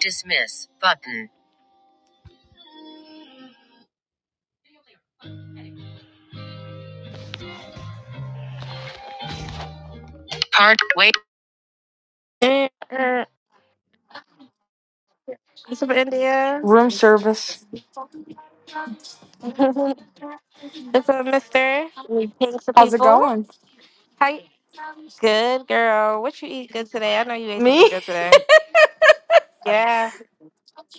Dismiss button. Part wait. Eh, eh, It's from India. Room service. it's a mister. We pink to How's it people. going? Hi. Good girl. What you eat good today? I know you ate something Me? good today. Yeah.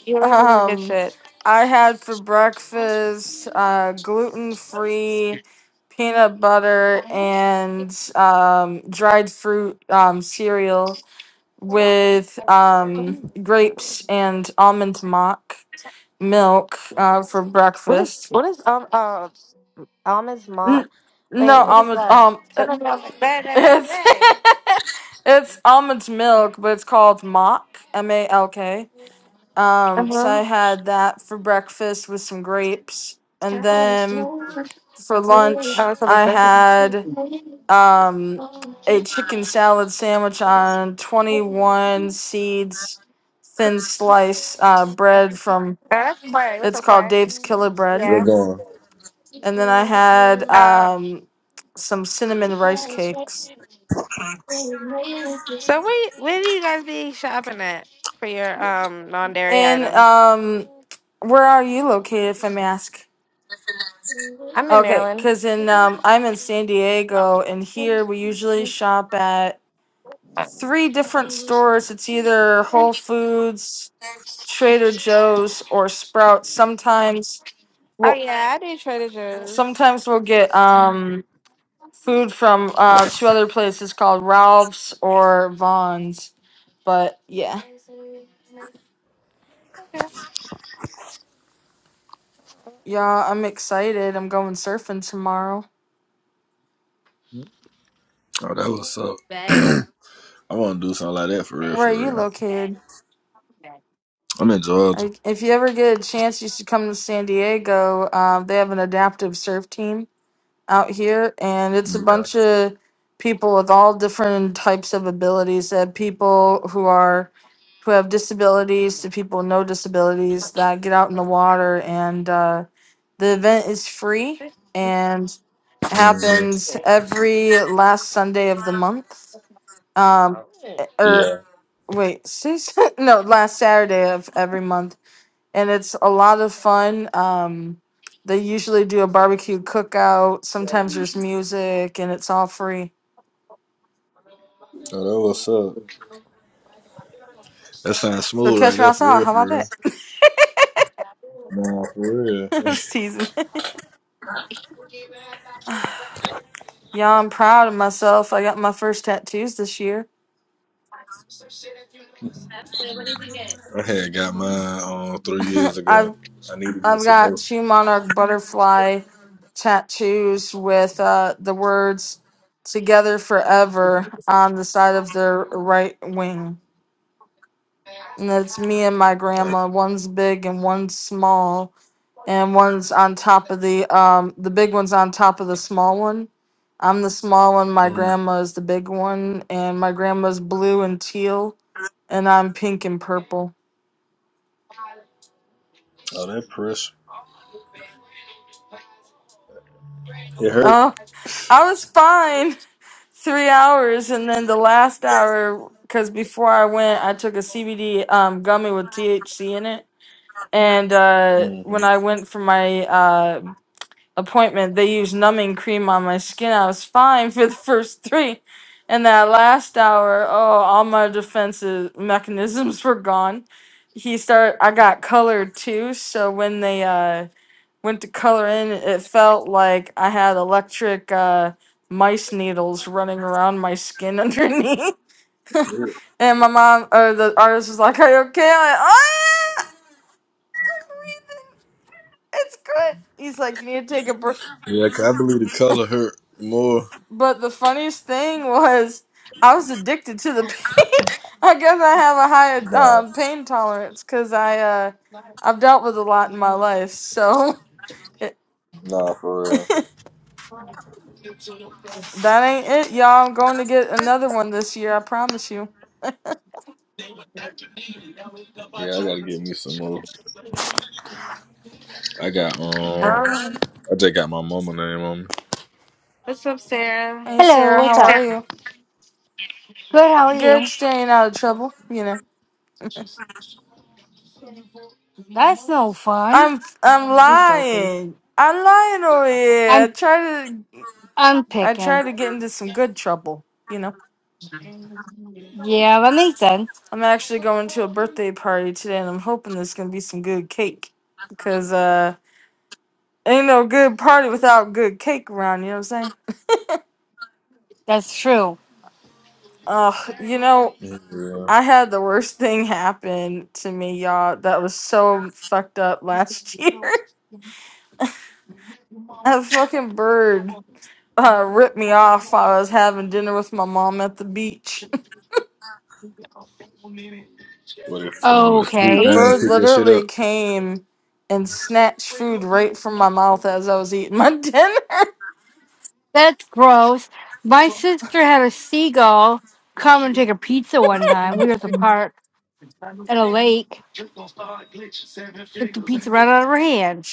You always eat the good Um, shit. I had for breakfast uh, gluten free peanut butter and um, dried fruit um, cereal with um, grapes and almond mock milk uh, for What is breakfast. what is um uh almonds ma N- wait, no, what is almond, that? um, uh, Turn on your bad, bad, bad, it's, bad. it's almond milk, but it's called mock, M A L K. Um, so I Uh-huh. had that for breakfast with some grapes, and then for Oh, lunch it's a I mister. Uh, had um, a chicken salad sandwich on twenty-one seeds, thin slice uh, bread from that's Corey. What's it's up, called Corey? Dave's Killer Bread, Yeah. and then I had Uh. um, some cinnamon rice cakes. So where where do you guys be shopping at for your um non-dairy And items? um, where are you located, if I may ask? I'm in Okay, Maryland. because in um, I'm in San Diego, and here we usually shop at three different stores. It's either Whole Foods, Trader Joe's, or Sprouts. Sometimes Oh we'll yeah, I do Trader Joe's. sometimes we'll get um food from uh two other places called Ralph's or Vaughn's. But yeah, Okay. yeah, I'm excited. I'm going surfing tomorrow. Oh, that was up. I want to do something like that for real, Where are for you real. located? I'm in Georgia. Like, If you ever get a chance, you should come to San Diego. Uh, they have an adaptive surf team out here, and it's a Yeah, bunch of people with all different types of abilities. They have people who are who have disabilities to people with no disabilities that get out in the water, and uh, the event is free and happens every last Sunday of the month. Um, or yeah. wait, no, last Saturday of every month and it's a lot of fun. Um, they usually do a barbecue cookout. Sometimes there's music, and it's all free. Oh, that was up. That sounds So smooth catch right me there, for outside. real, How for about real. that? No, for real. I was teasing. Yeah, I'm proud of myself. I got my first tattoos this year. I had got mine um, three years I've ago. I needed to get I've some got more. two monarch butterfly tattoos with uh, the words "Together Forever" on the side of their right wing, and that's me and my Like, grandma. One's big and one's small and one's on top of the um the big one's on top of the small one. I'm the small one, my mm, grandma is the big one, and my grandma's blue and teal, and I'm pink and purple. oh, that pressure. It hurt. Oh, I was fine three hours, and then the last hour, because before I went, I took a CBD um, gummy with THC in it. And uh, hmm when I went for my uh, appointment, they used numbing cream on my skin. I was fine for the first three. And that last hour, oh, all my defenses mechanisms were gone. He started. I got colored too, so when they uh went to color in, it felt like I had electric uh mice needles running around my skin underneath. And my mom or the artist was like, Are you okay? I'm like, ah, it's good. He's like, You need to take a break. Yeah, 'cause I believe the color hurt more. But the funniest thing was I was addicted to the pain. I guess I have a higher Nah, um, pain tolerance because I uh, I've dealt with a lot in my life. So it, nah, for real. that ain't it, y'all. I'm going to get another one this year. I promise you. Yeah, I gotta get me some more. I got um, Um, I just got my mama name on What's up, Sarah? Hey Hello, Sarah, what's how up? are you? Good, how are Good, you? staying out of trouble. You know, That's no fun. I'm I'm Just joking. lying. I'm lying over here. I I'm try to I'm I try picking. to get into some good trouble. You know. Yeah, that makes sense. I'm actually going to a birthday party today, and I'm hoping there's gonna be some good cake because uh, ain't no good party without good cake around. You know what I'm saying? That's true. Uh, you know, me. I had Yeah. the worst thing happen to me, y'all. That was so fucked up last year. a fucking bird uh, ripped me off while I was having dinner with my mom at the beach. But if I went swoop a down Okay. and bird pick that shit literally up, came and snatched food right from my mouth as I was eating my dinner. That's gross. My sister had a seagull come and take a pizza one time. We were at the park at a lake. Took the pizza right out of her hand. She-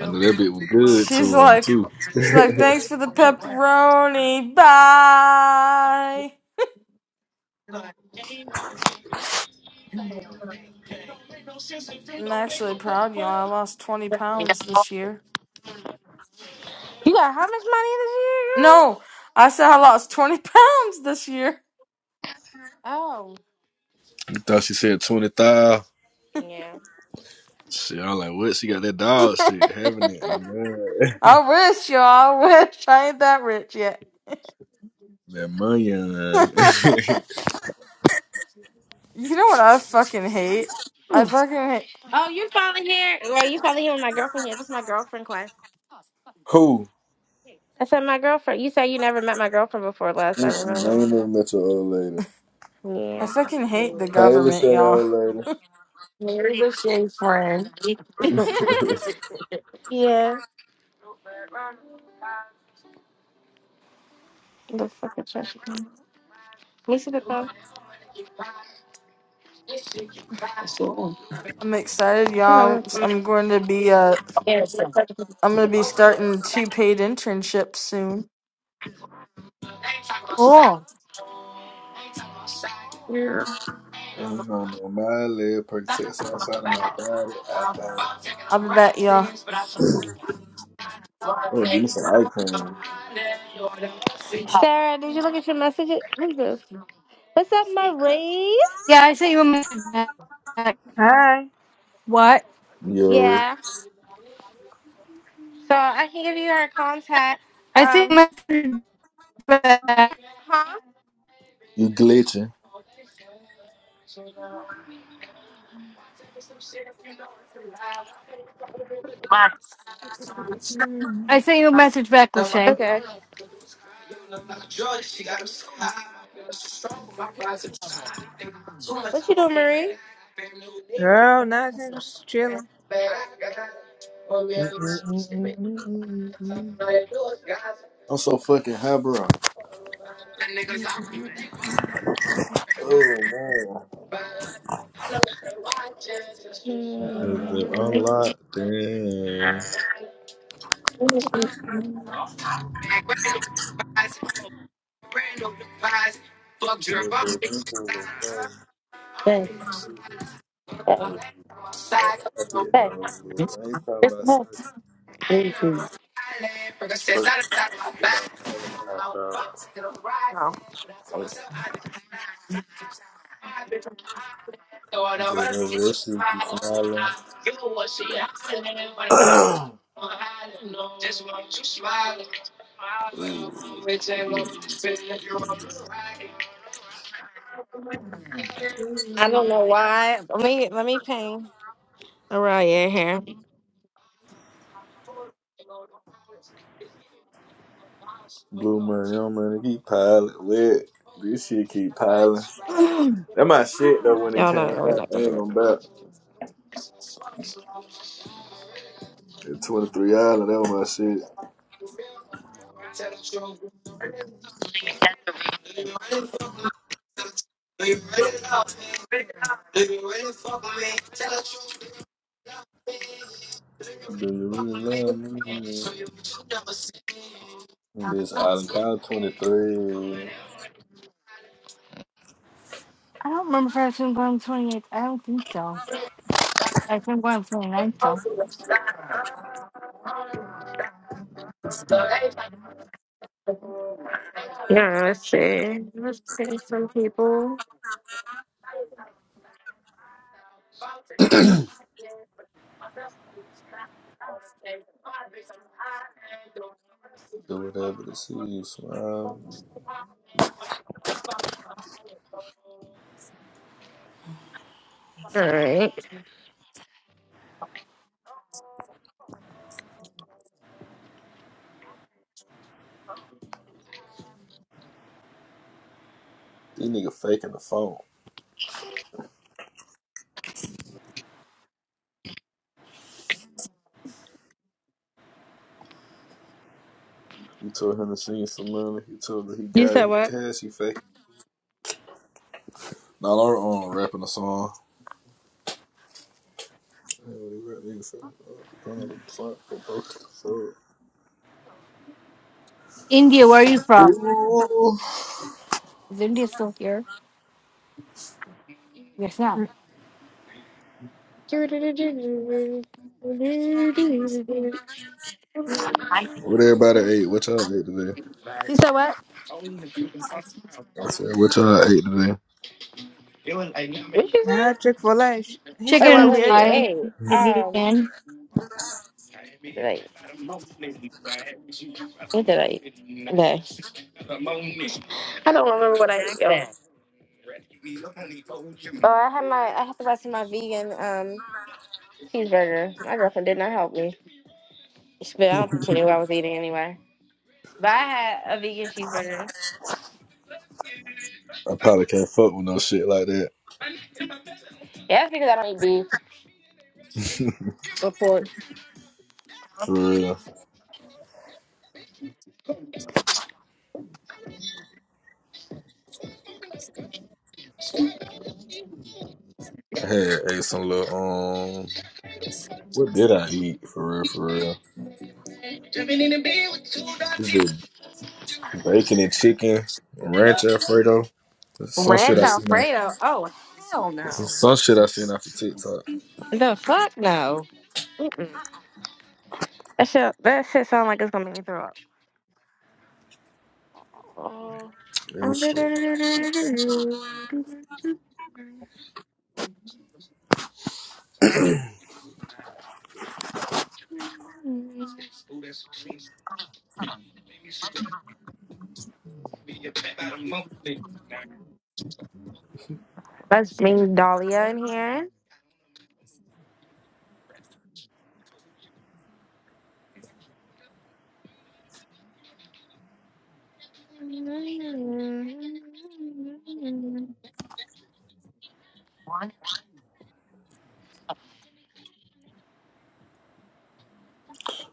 I know that bitch was good She's to him like, too. she's like, thanks for the pepperoni. Bye. I'm actually proud, y'all. I lost 20 pounds this year. You got how much money this year, girl? No, I said I lost 20 pounds this year. Oh You thought she said twenty thousand? yeah. Shit, I'm like, what? She got that dog shit, having it. I'm glad. I wish, y'all. I wish I ain't that rich yet. That money. on. you know what I fucking hate? I fucking hate. Oh, you're finally here. Well, you finally here with my girlfriend here. This is my girlfriend class. Who? I said my girlfriend. You said you never met my girlfriend before last. I Mm-mm, remember. I ain't never met your old lady. I Yeah. fucking hate the Hey, let's government, Lachey, y'all. old lady. yeah. The fucking trash. can. Let me see the I'm excited, phone. y'all. I'm going to be uh, I'm gonna be starting two paid internships soon. Oh. I don't know my leg protects outside of my body. I thought, I'll be back, y'all. oh, give me some eye cream. Sarah, did you look at your messages? What is this? What's up, Marie? Yeah, I sent you a message back. Hi. What? Yo, Yeah. So I can give you her contact. I sent you a Um, message back. huh? you glitching. I sent you a message back, Lachey. Okay. What you doing, Marie? Girl, nothing, just chilling. Mm-mm-mm-mm-mm-mm-mm. I'm so fucking high, bro. Oh man. Is it unlocked? Damn. Look, look, them two little things, look, uh, I didn't know, I ain't talking about sex after Oh. I'm this shit be smiling. Ooh, ooh. I don't know why. Let me let me ping Aurelia in here. Blue money, young money, keep piling. Lit. This shit keep piling. I That my shit though when it Y'all came don't really out. like I to do ain't it. gonna back. At 23 Island, that was my shit. Do you really love me? This island called 23. Do don't remember if I sent one on the 28th. I don't think so. I think we're on 29th though. Yeah, let's see. Let's see some people. whatever to see you smile. All right. This nigga faking the phone. He told him to sing some money. He told her he You got said it. He what? cash. He faking. Not our own rapping a song. Yeah, what uh, India, where are you from? Is India still here? Yes, not. everybody ate? What y'all ate today? You said what? I said, what y'all ate today? What you Nah, say? Chick fil A. He said Okay, where Chicken we wait, at wait, today. fried hey, um, again. like, what did I eat? Okay. I don't remember what I ate. you Oh, I had my, I had to buy some of my vegan um cheeseburger. My girlfriend did not help me. She, but I don't think she knew what I was eating anyway. But I had a vegan cheeseburger. I probably can't fuck with no shit like that. Yeah, that's because I don't eat beef or pork. For real. I had ate some little, um, what did I eat? For real, for real. We did bacon and chicken, ranch Alfredo. Some shit Ranch I seen. Alfredo? Oh, hell no. Some shit I seen off the TikTok. The fuck no. Mm-mm. That shit, that shit sound like it's gonna make me throw up. Let's Houston. bring Dahlia, in here.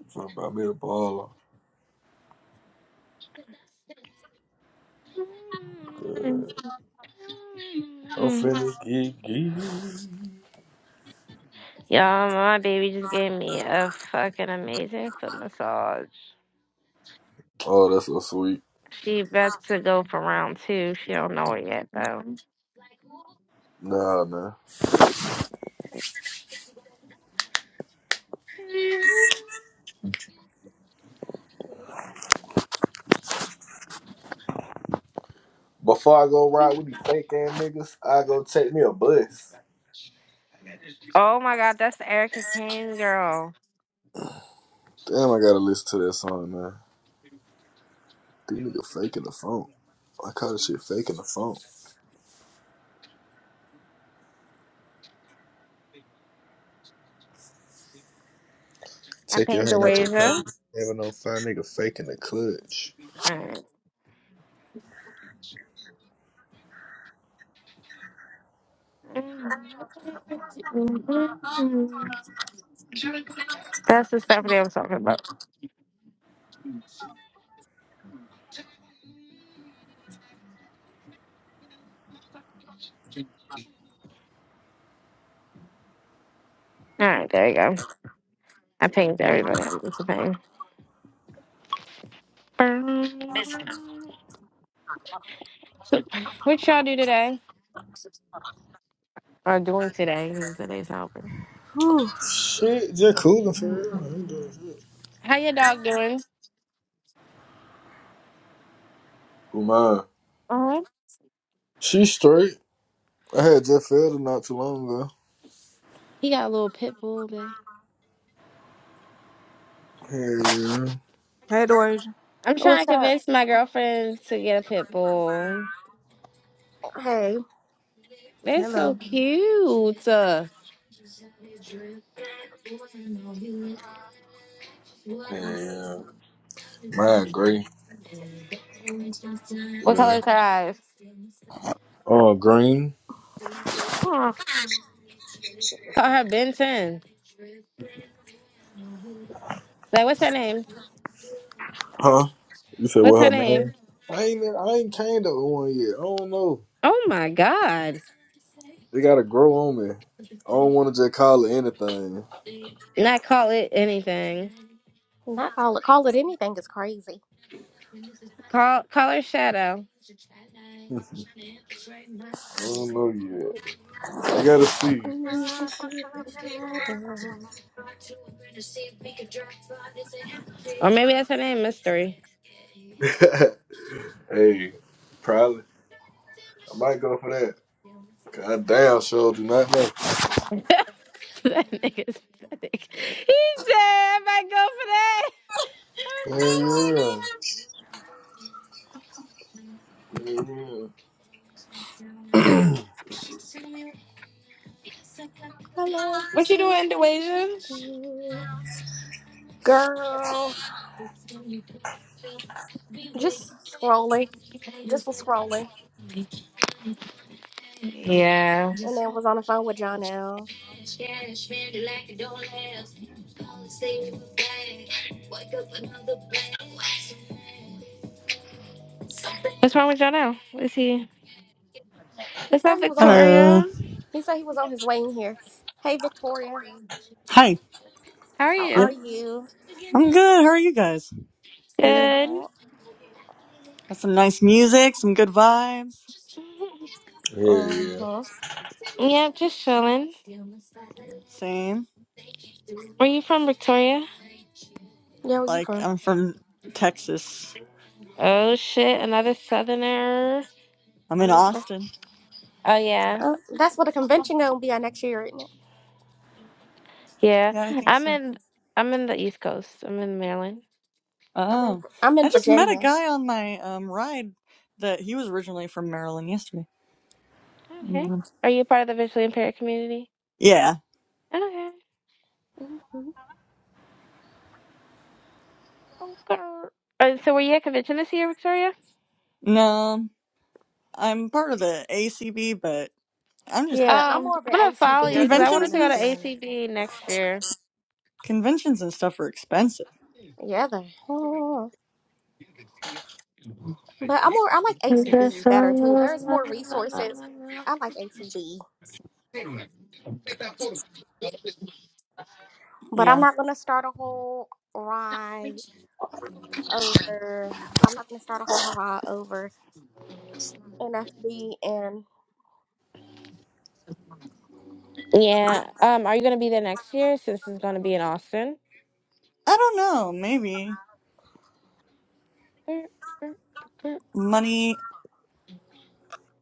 Something about me the baller. I'm finna get geek. Yeah, my baby just gave me a fucking amazing foot massage. Oh, that's so sweet. She bets to go for round two. She don't know it yet though. Nah, man. Before I go ride with these fake ass niggas, I go take me a bus. Oh my god, that's the Erica Kane girl. Damn, I gotta listen to that song, man. These niggas faking the phone. I call this shit faking the phone. I Take your pinged hand out your Asia. pocket. Never no fine nigga faking the clutch. Alright. That's the stuff that I'm talking about. Alright, there you go. I pinged everybody I'm to ping. So, what y'all do today? Or doing today, because today's out. Whew. Shit, just coolin' for real. I ain't doing shit. How your dog doing? Who mine? Uh-huh. She straight. I had Jeff Felder not too long ago. He got a little pit bull, babe. Hell Hey, Doja. I'm trying What's to up? convince my girlfriend to get a pit bull. Hey, They're so Hello. cute. Uh, yeah. Hell yeah. Mine gray. What Yeah. color is her eyes? Oh, Green? Aw. Call her Ben 10. Like, what's her name? Huh? You said What's what her her name? name? I ain't I ain't came to one yet. I don't know. Oh my god. They gotta grow on me. I don't wanna just call it anything. Not call it anything. not call it call it anything is crazy. Call call her Shadow. I don't know yet. I gotta see. When You can see my shadow. Or maybe that's her name, Mystery. hey, probably. I might go for that. God damn sure do not know. that nigga's pathetic. He said, I might go for that. Oh Hell my gosh! yeah. Hell yeah. I love to What you see doing, my Dewasia? shadow. Girl, just scrolling, just was scrolling, Yeah. and then was on the phone with John. Now What's wrong with y'all now? What's he? he What's up, said he was on his Hello. Victoria? he said he was on his way in here. Hey, Victoria, Hi. How are how are Yep. you? you? I'm good. How are you guys? I'm doing Good. Good. all Got some nice music, some good vibes. right. Hell yeah. Mm-hmm. Yeah, just chilling. Same. Where you from, Victoria? Yeah, where you Like from? I'm from Texas. Oh shit, another Southerner. I'm in Um, That's, Austin. oh yeah, uh, that's what the convention gonna be at next year, isn't it? yeah. Yeah, I think I'm so. in. I'm in the East Coast. I'm in Maryland. I'm in Oh. I'm I in just met a Virginia. guy on my um ride that he was originally from Maryland yesterday. I met Okay. him. Are you part of the visually impaired community? Yeah. Okay. Okay. Uh, so were you at convention this year, Victoria? No. I'm part of the ACB, but I'm just Yeah, I'm Um, I'm more of an gonna follow you ACBer because than I an wanted conventions to NFBer. go and to s- anymore. ACB next year. conventions and stuff are expensive. Yeah, they- mm. but I'm more. I like ACB better too. There's more resources. I like ACB, but I'm Yeah. not gonna start a whole ride over. I'm not gonna start a whole hurrah over NFB and Yeah. Um, are you gonna be there next year since it's gonna be in Austin? I don't know. Maybe money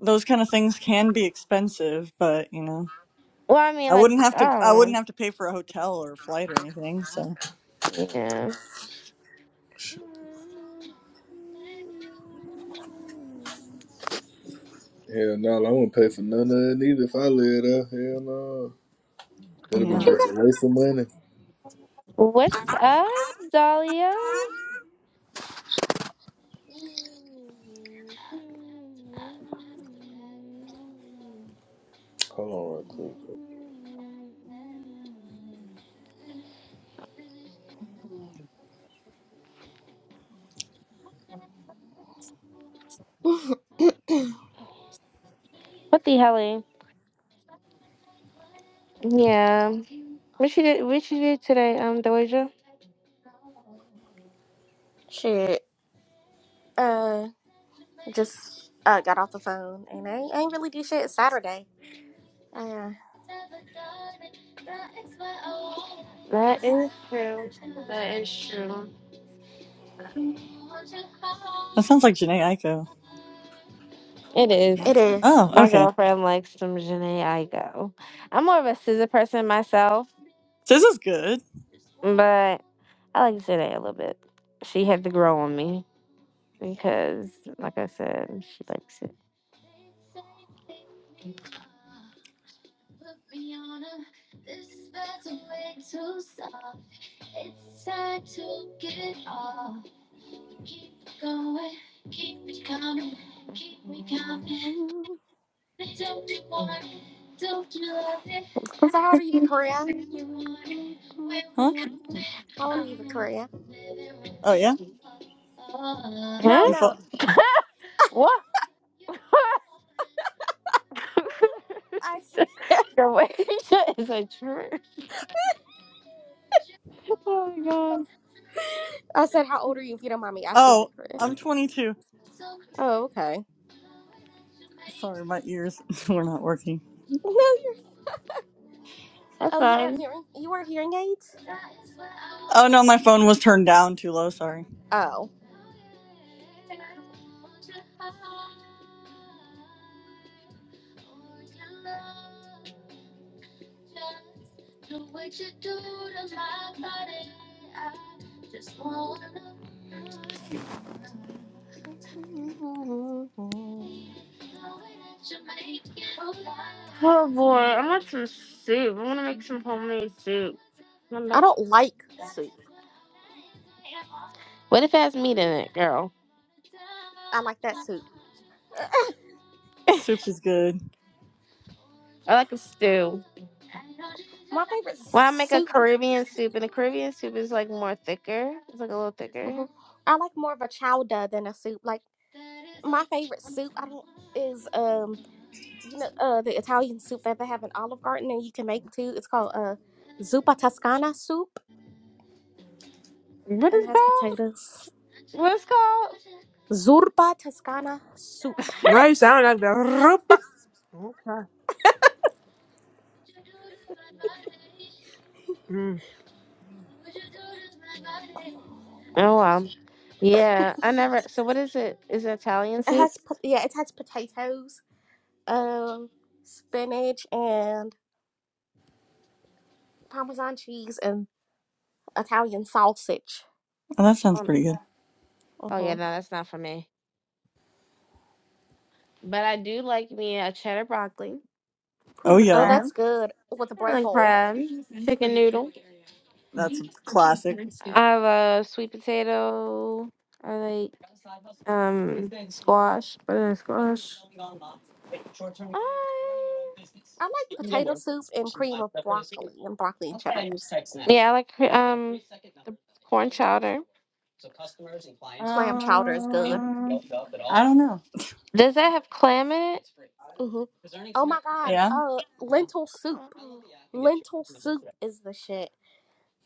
those kind of things can be expensive, but you know, Well, I mean, I like, wouldn't have to. I wouldn't oh, have to pay for a hotel or a flight or anything. So yeah. Shit. Hell no, I wouldn't pay for none of it either if I lived there. Hell no. It'd have What yeah, been you just say? a waste of money. What's up, Dahlia? Hold on real quick. What the hell? eh? Yeah. What she did what she did today, um, Doja? shit. Uh, just uh got off the phone and I, ain't- I ain't really do shit. It's Saturday. Uh, That is true. That is true. that sounds like Janae Eiko. It is. it Marsh- is. Oh, My okay. girlfriend likes some Janae Igo. I'm more of a scissor person myself, This is good, but I like Janae a little bit. She had to grow on me because like I said, she likes it. So how old are you, Victoria? huh? How old are you, Victoria? Oh yeah, Hmm? No, you no. fo- What? I Your wager is a trip. Oh my god. I said, how old are you if you don't mind me asking, Oh, Victoria? I'm 22. Oh, okay. Sorry, my ears were not working. No, you're. That's Oh, you wear fine. hearing. You wear hearing aids. Oh no, my phone was turned down too low. Sorry. Oh. Oh boy, I want some soup. I want to make some homemade soup. I'm I not- don't like soup. What if it has meat in it, girl? I like that soup. Soup is good. I like a stew. my favorite Why I make a soup. Caribbean soup? And the Caribbean soup is like more thicker. It's like a little thicker. hmm I like more of a chowder than a soup. Like my favorite soup, I don't is um you know uh the Italian soup that they have in Olive Garden and you can make too. It's called uh zuppa toscana soup What and is it it has called? potatoes. What it's called? Zorba Toscana soup. Why you sound like the Rupa? Okay. Mm. Oh wow. Yeah, I never. So what is it? Is it Italian It soup? has pot- yeah, it has potatoes, um, spinach, and Parmesan cheese and Italian sausage. Oh, that sounds Um, pretty good. Oh hmm yeah, no, that's not for me. But I do like me a cheddar broccoli, Oh cream of Oh, yeah, crab, that's good with a I bread like bowl. crab, chicken noodle. that's a classic. I have a sweet potato. I like um squash, banana squash. I like potato soup and cream of broccoli and broccoli and cheddar. I, That's- yeah, I like cre- um the corn chowder. Clam chowder is good. Um, I don't know. Does that have clam in it? hmm Oh my God! Yeah, Uh, lentil soup. Um, Lentil soup is the shit.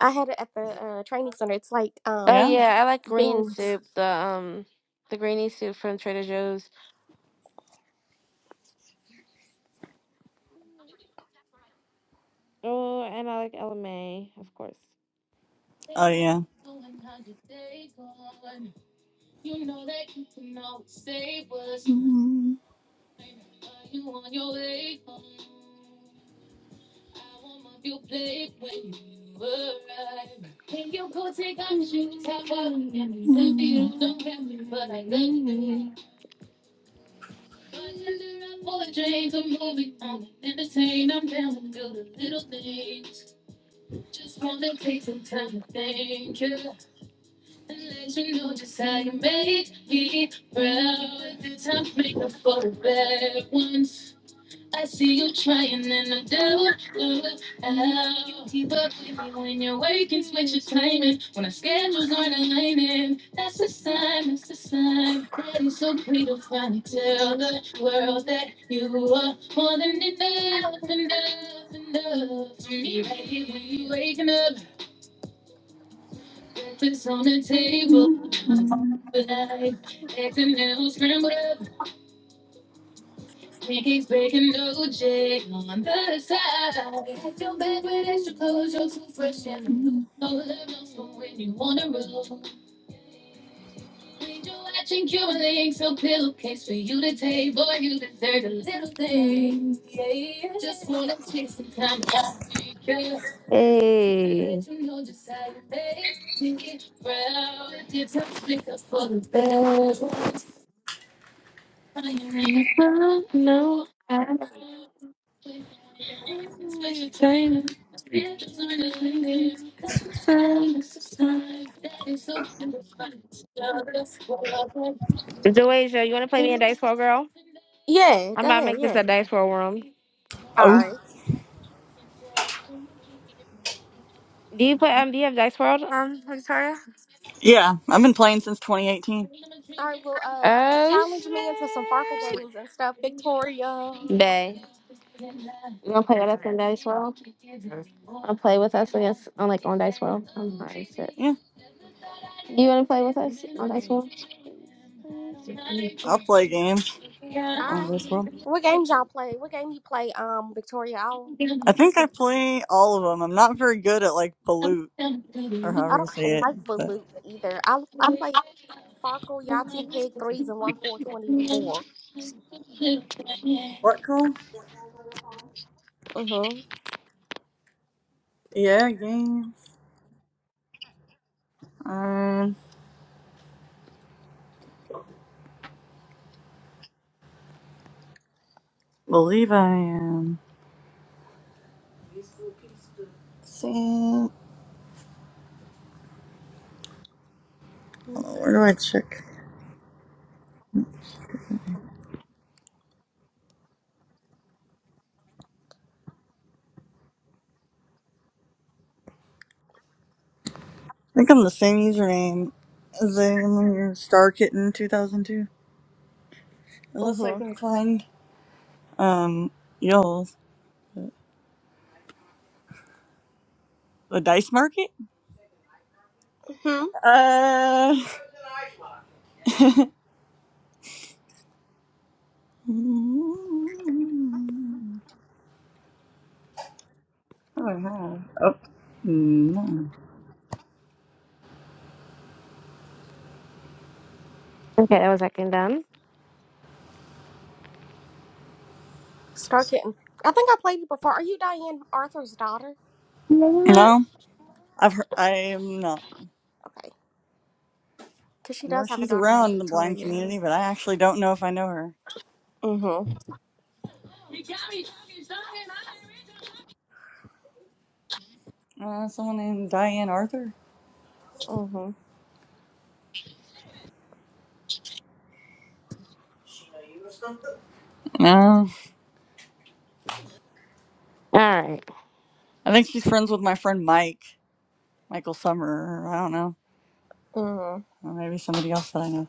I had it at the uh, training center. It's like Oh um yeah. yeah, I like green beans. soup. The um the greeny soup from Trader Joe's. Oh, and I like LMA, of course. Oh yeah. Hey, Joasia, you want to play me in Yeah, Dice World, girl? Yeah, I am go about to ahead. make this Yeah. a Dice World room. All Oh, right. Do you play? Um, do you have Dice World? Um, Victoria. yeah. I've been playing since 2018. All right. Well, uh, Oh challenge me into some Farkle shit! games and stuff, Victoria. All Bay, you want to play with us in Dice World? I'll play with us against on like on Dice World. I'm sorry, shit. Yeah, Do you want to play with us on Dice World? I'll play games on right. this world. What games y'all play? What game you play, um, Victoria? I'll, I you think I can. play all of them. I'm not very good at like pollute or I however you say don't it. like But Balut either. I I play Farkle, Yahtzee, Pig, Threes, and One Four Twenty Four. what call? Uh huh. Yeah, games. I believe I am. Sam. Hold on, Where do I check? I think I'm the same username as I am when you're Star Kitten 2002. Uh Unless I huh. can find um y'all's uh, the dice market. Hmm. Uh, oh, wow. Oh, no. Okay, that was second done. Star Kitten. I think I played you before. Are you Diane Arthur's daughter? You know what? No, I've heard, I'm not. Okay. Because she I know does have a she's daughter named around the blind Victoria. community, but I actually don't know if I know her. Mm Uh, someone named Diane Arthur? hmm. Mm hmm. No. All right. I think she's friends with my friend Mike, Michael Summer. Or I don't know. Mm hmm. Or maybe somebody else that I know.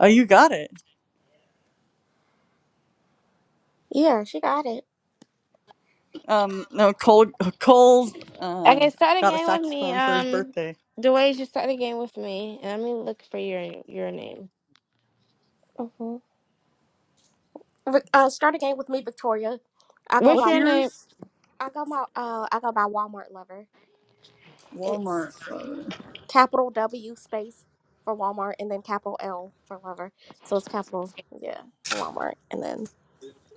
Oh, you got it. Yeah, she got it. Um, no, Cole, Cole's, Okay, um, start a got a game with me. saxophone for his Um, birthday. Dwayne, you start a game with me, and let me look for your your name. hmm Uh, start a game with me, Victoria. I go What's by What's your name? yours? I go my uh I go by Walmart lover. It's Walmart. capital W space for Walmart and then capital L for lover. So it's capital yeah Walmart and then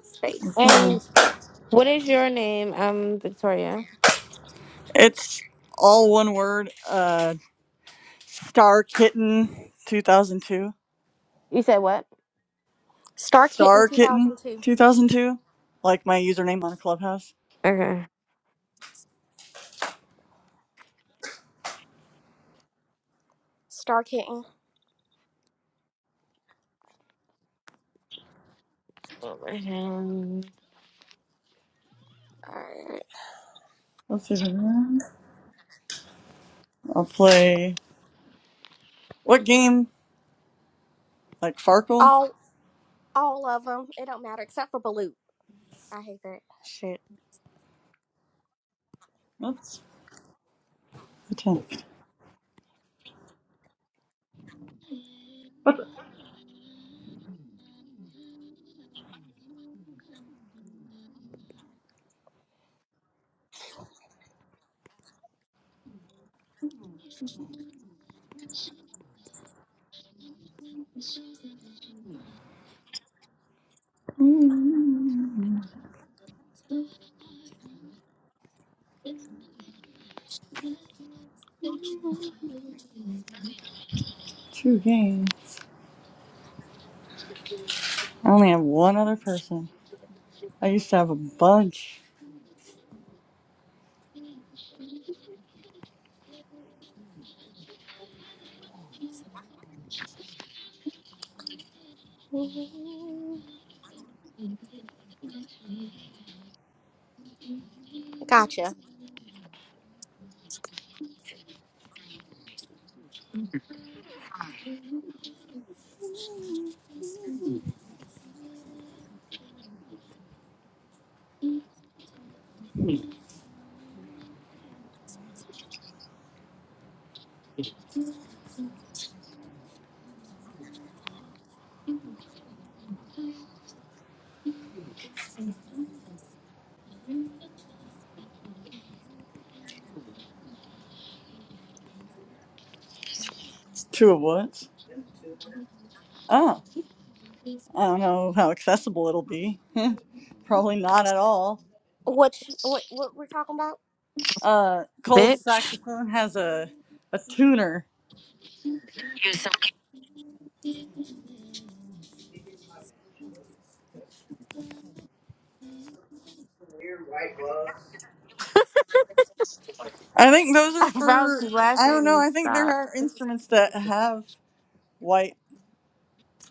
space. flower. And what is your name? Um, Victoria. It's all one word. Uh, Star Kitten 2002. You said what? Star Kitten Star two Kitten thousand two. 2002. Like my username on Clubhouse. Okay. Star Kitten. Um, Alright. Let's see if I can. I'll play. What game? Like Farkle? All all of them. It don't matter except for Balut. I hate that shit. Let's attempt. Mm, Two games. I only have one other person. I used to have a bunch. Gotcha. Two of what? Oh, I don't know how accessible it'll be. Probably not at all. Which what what we're talking about? Uh, Cole's bitch. saxophone has a a tuner. You so cute. I think those are I found for you I don't know. laughing. I think there Stop. are instruments that have white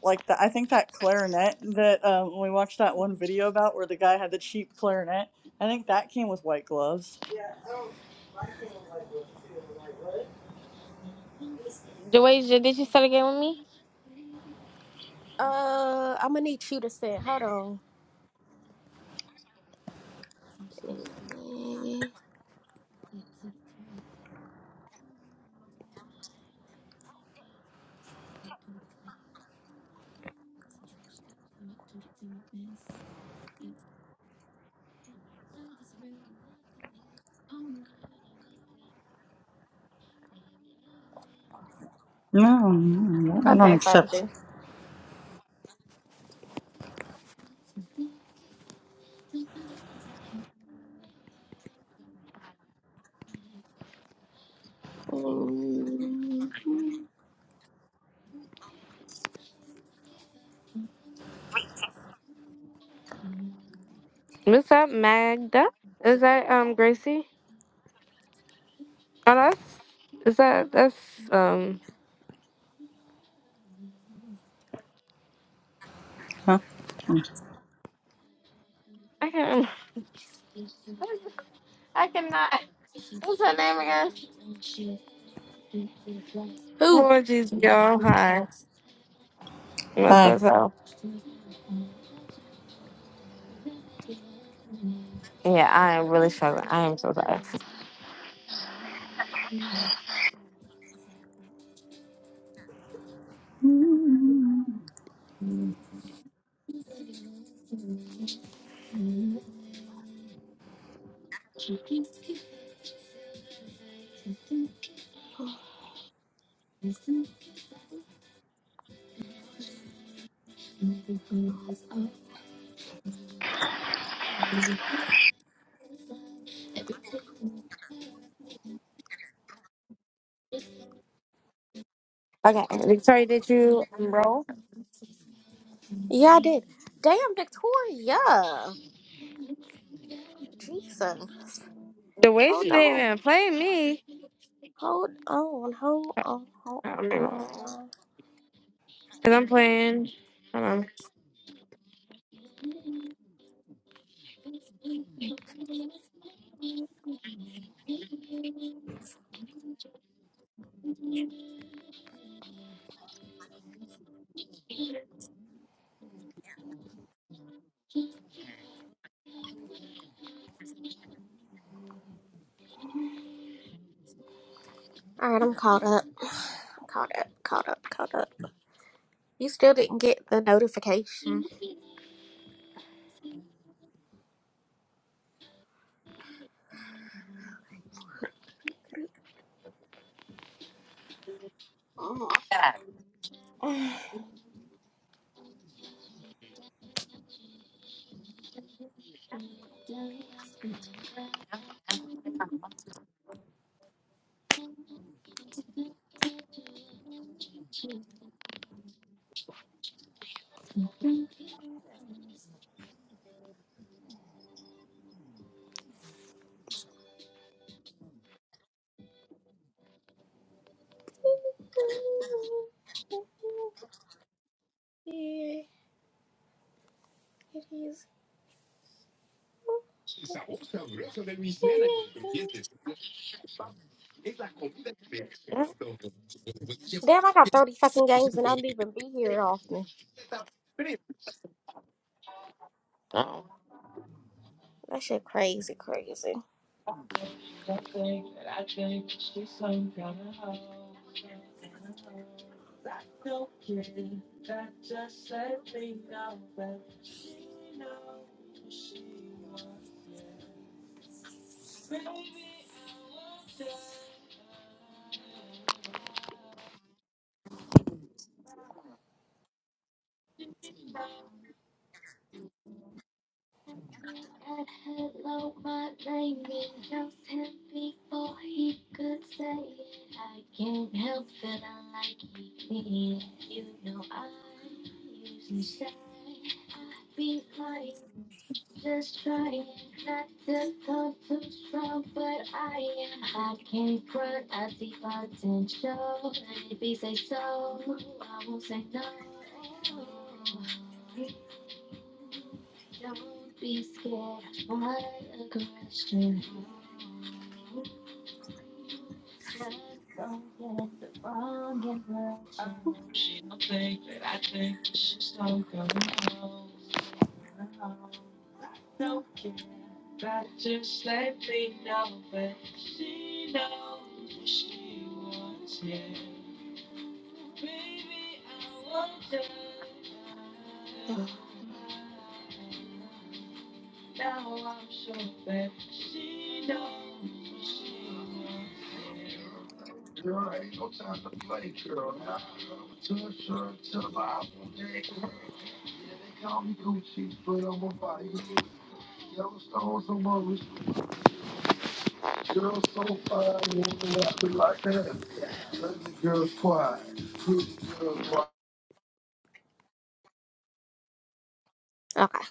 like that. I think that clarinet that um, we watched that one video about where the guy had the cheap clarinet. I think that came with white gloves. Dwayne, you- did you start a game with me? Uh, I'm gonna need you to send. Hold on. No, no, I don't Okay, found accept. you. What's up, Magda? Is that um Gracie? Oh, that's is that that's um. Huh? I can't. I cannot. What's her name again? Who? Apologies, y'all. Hi. Bye. So, so- yeah, I am really struggling. I am so sorry. Okay, Victoria, did you um, roll? Yeah, I did. Damn, Victoria. Jesus. The way she Hold didn't on. even play me. Hold on. Hold on. Hold I'll be wrong. on. Because I'm playing. Hold All right, I'm caught up. I'm caught up. Caught up. Caught up. You still didn't get the notification. Oh. on. It is. Damn, I got 30 fucking games and I don't even be here often. That shit crazy, crazy. Okay.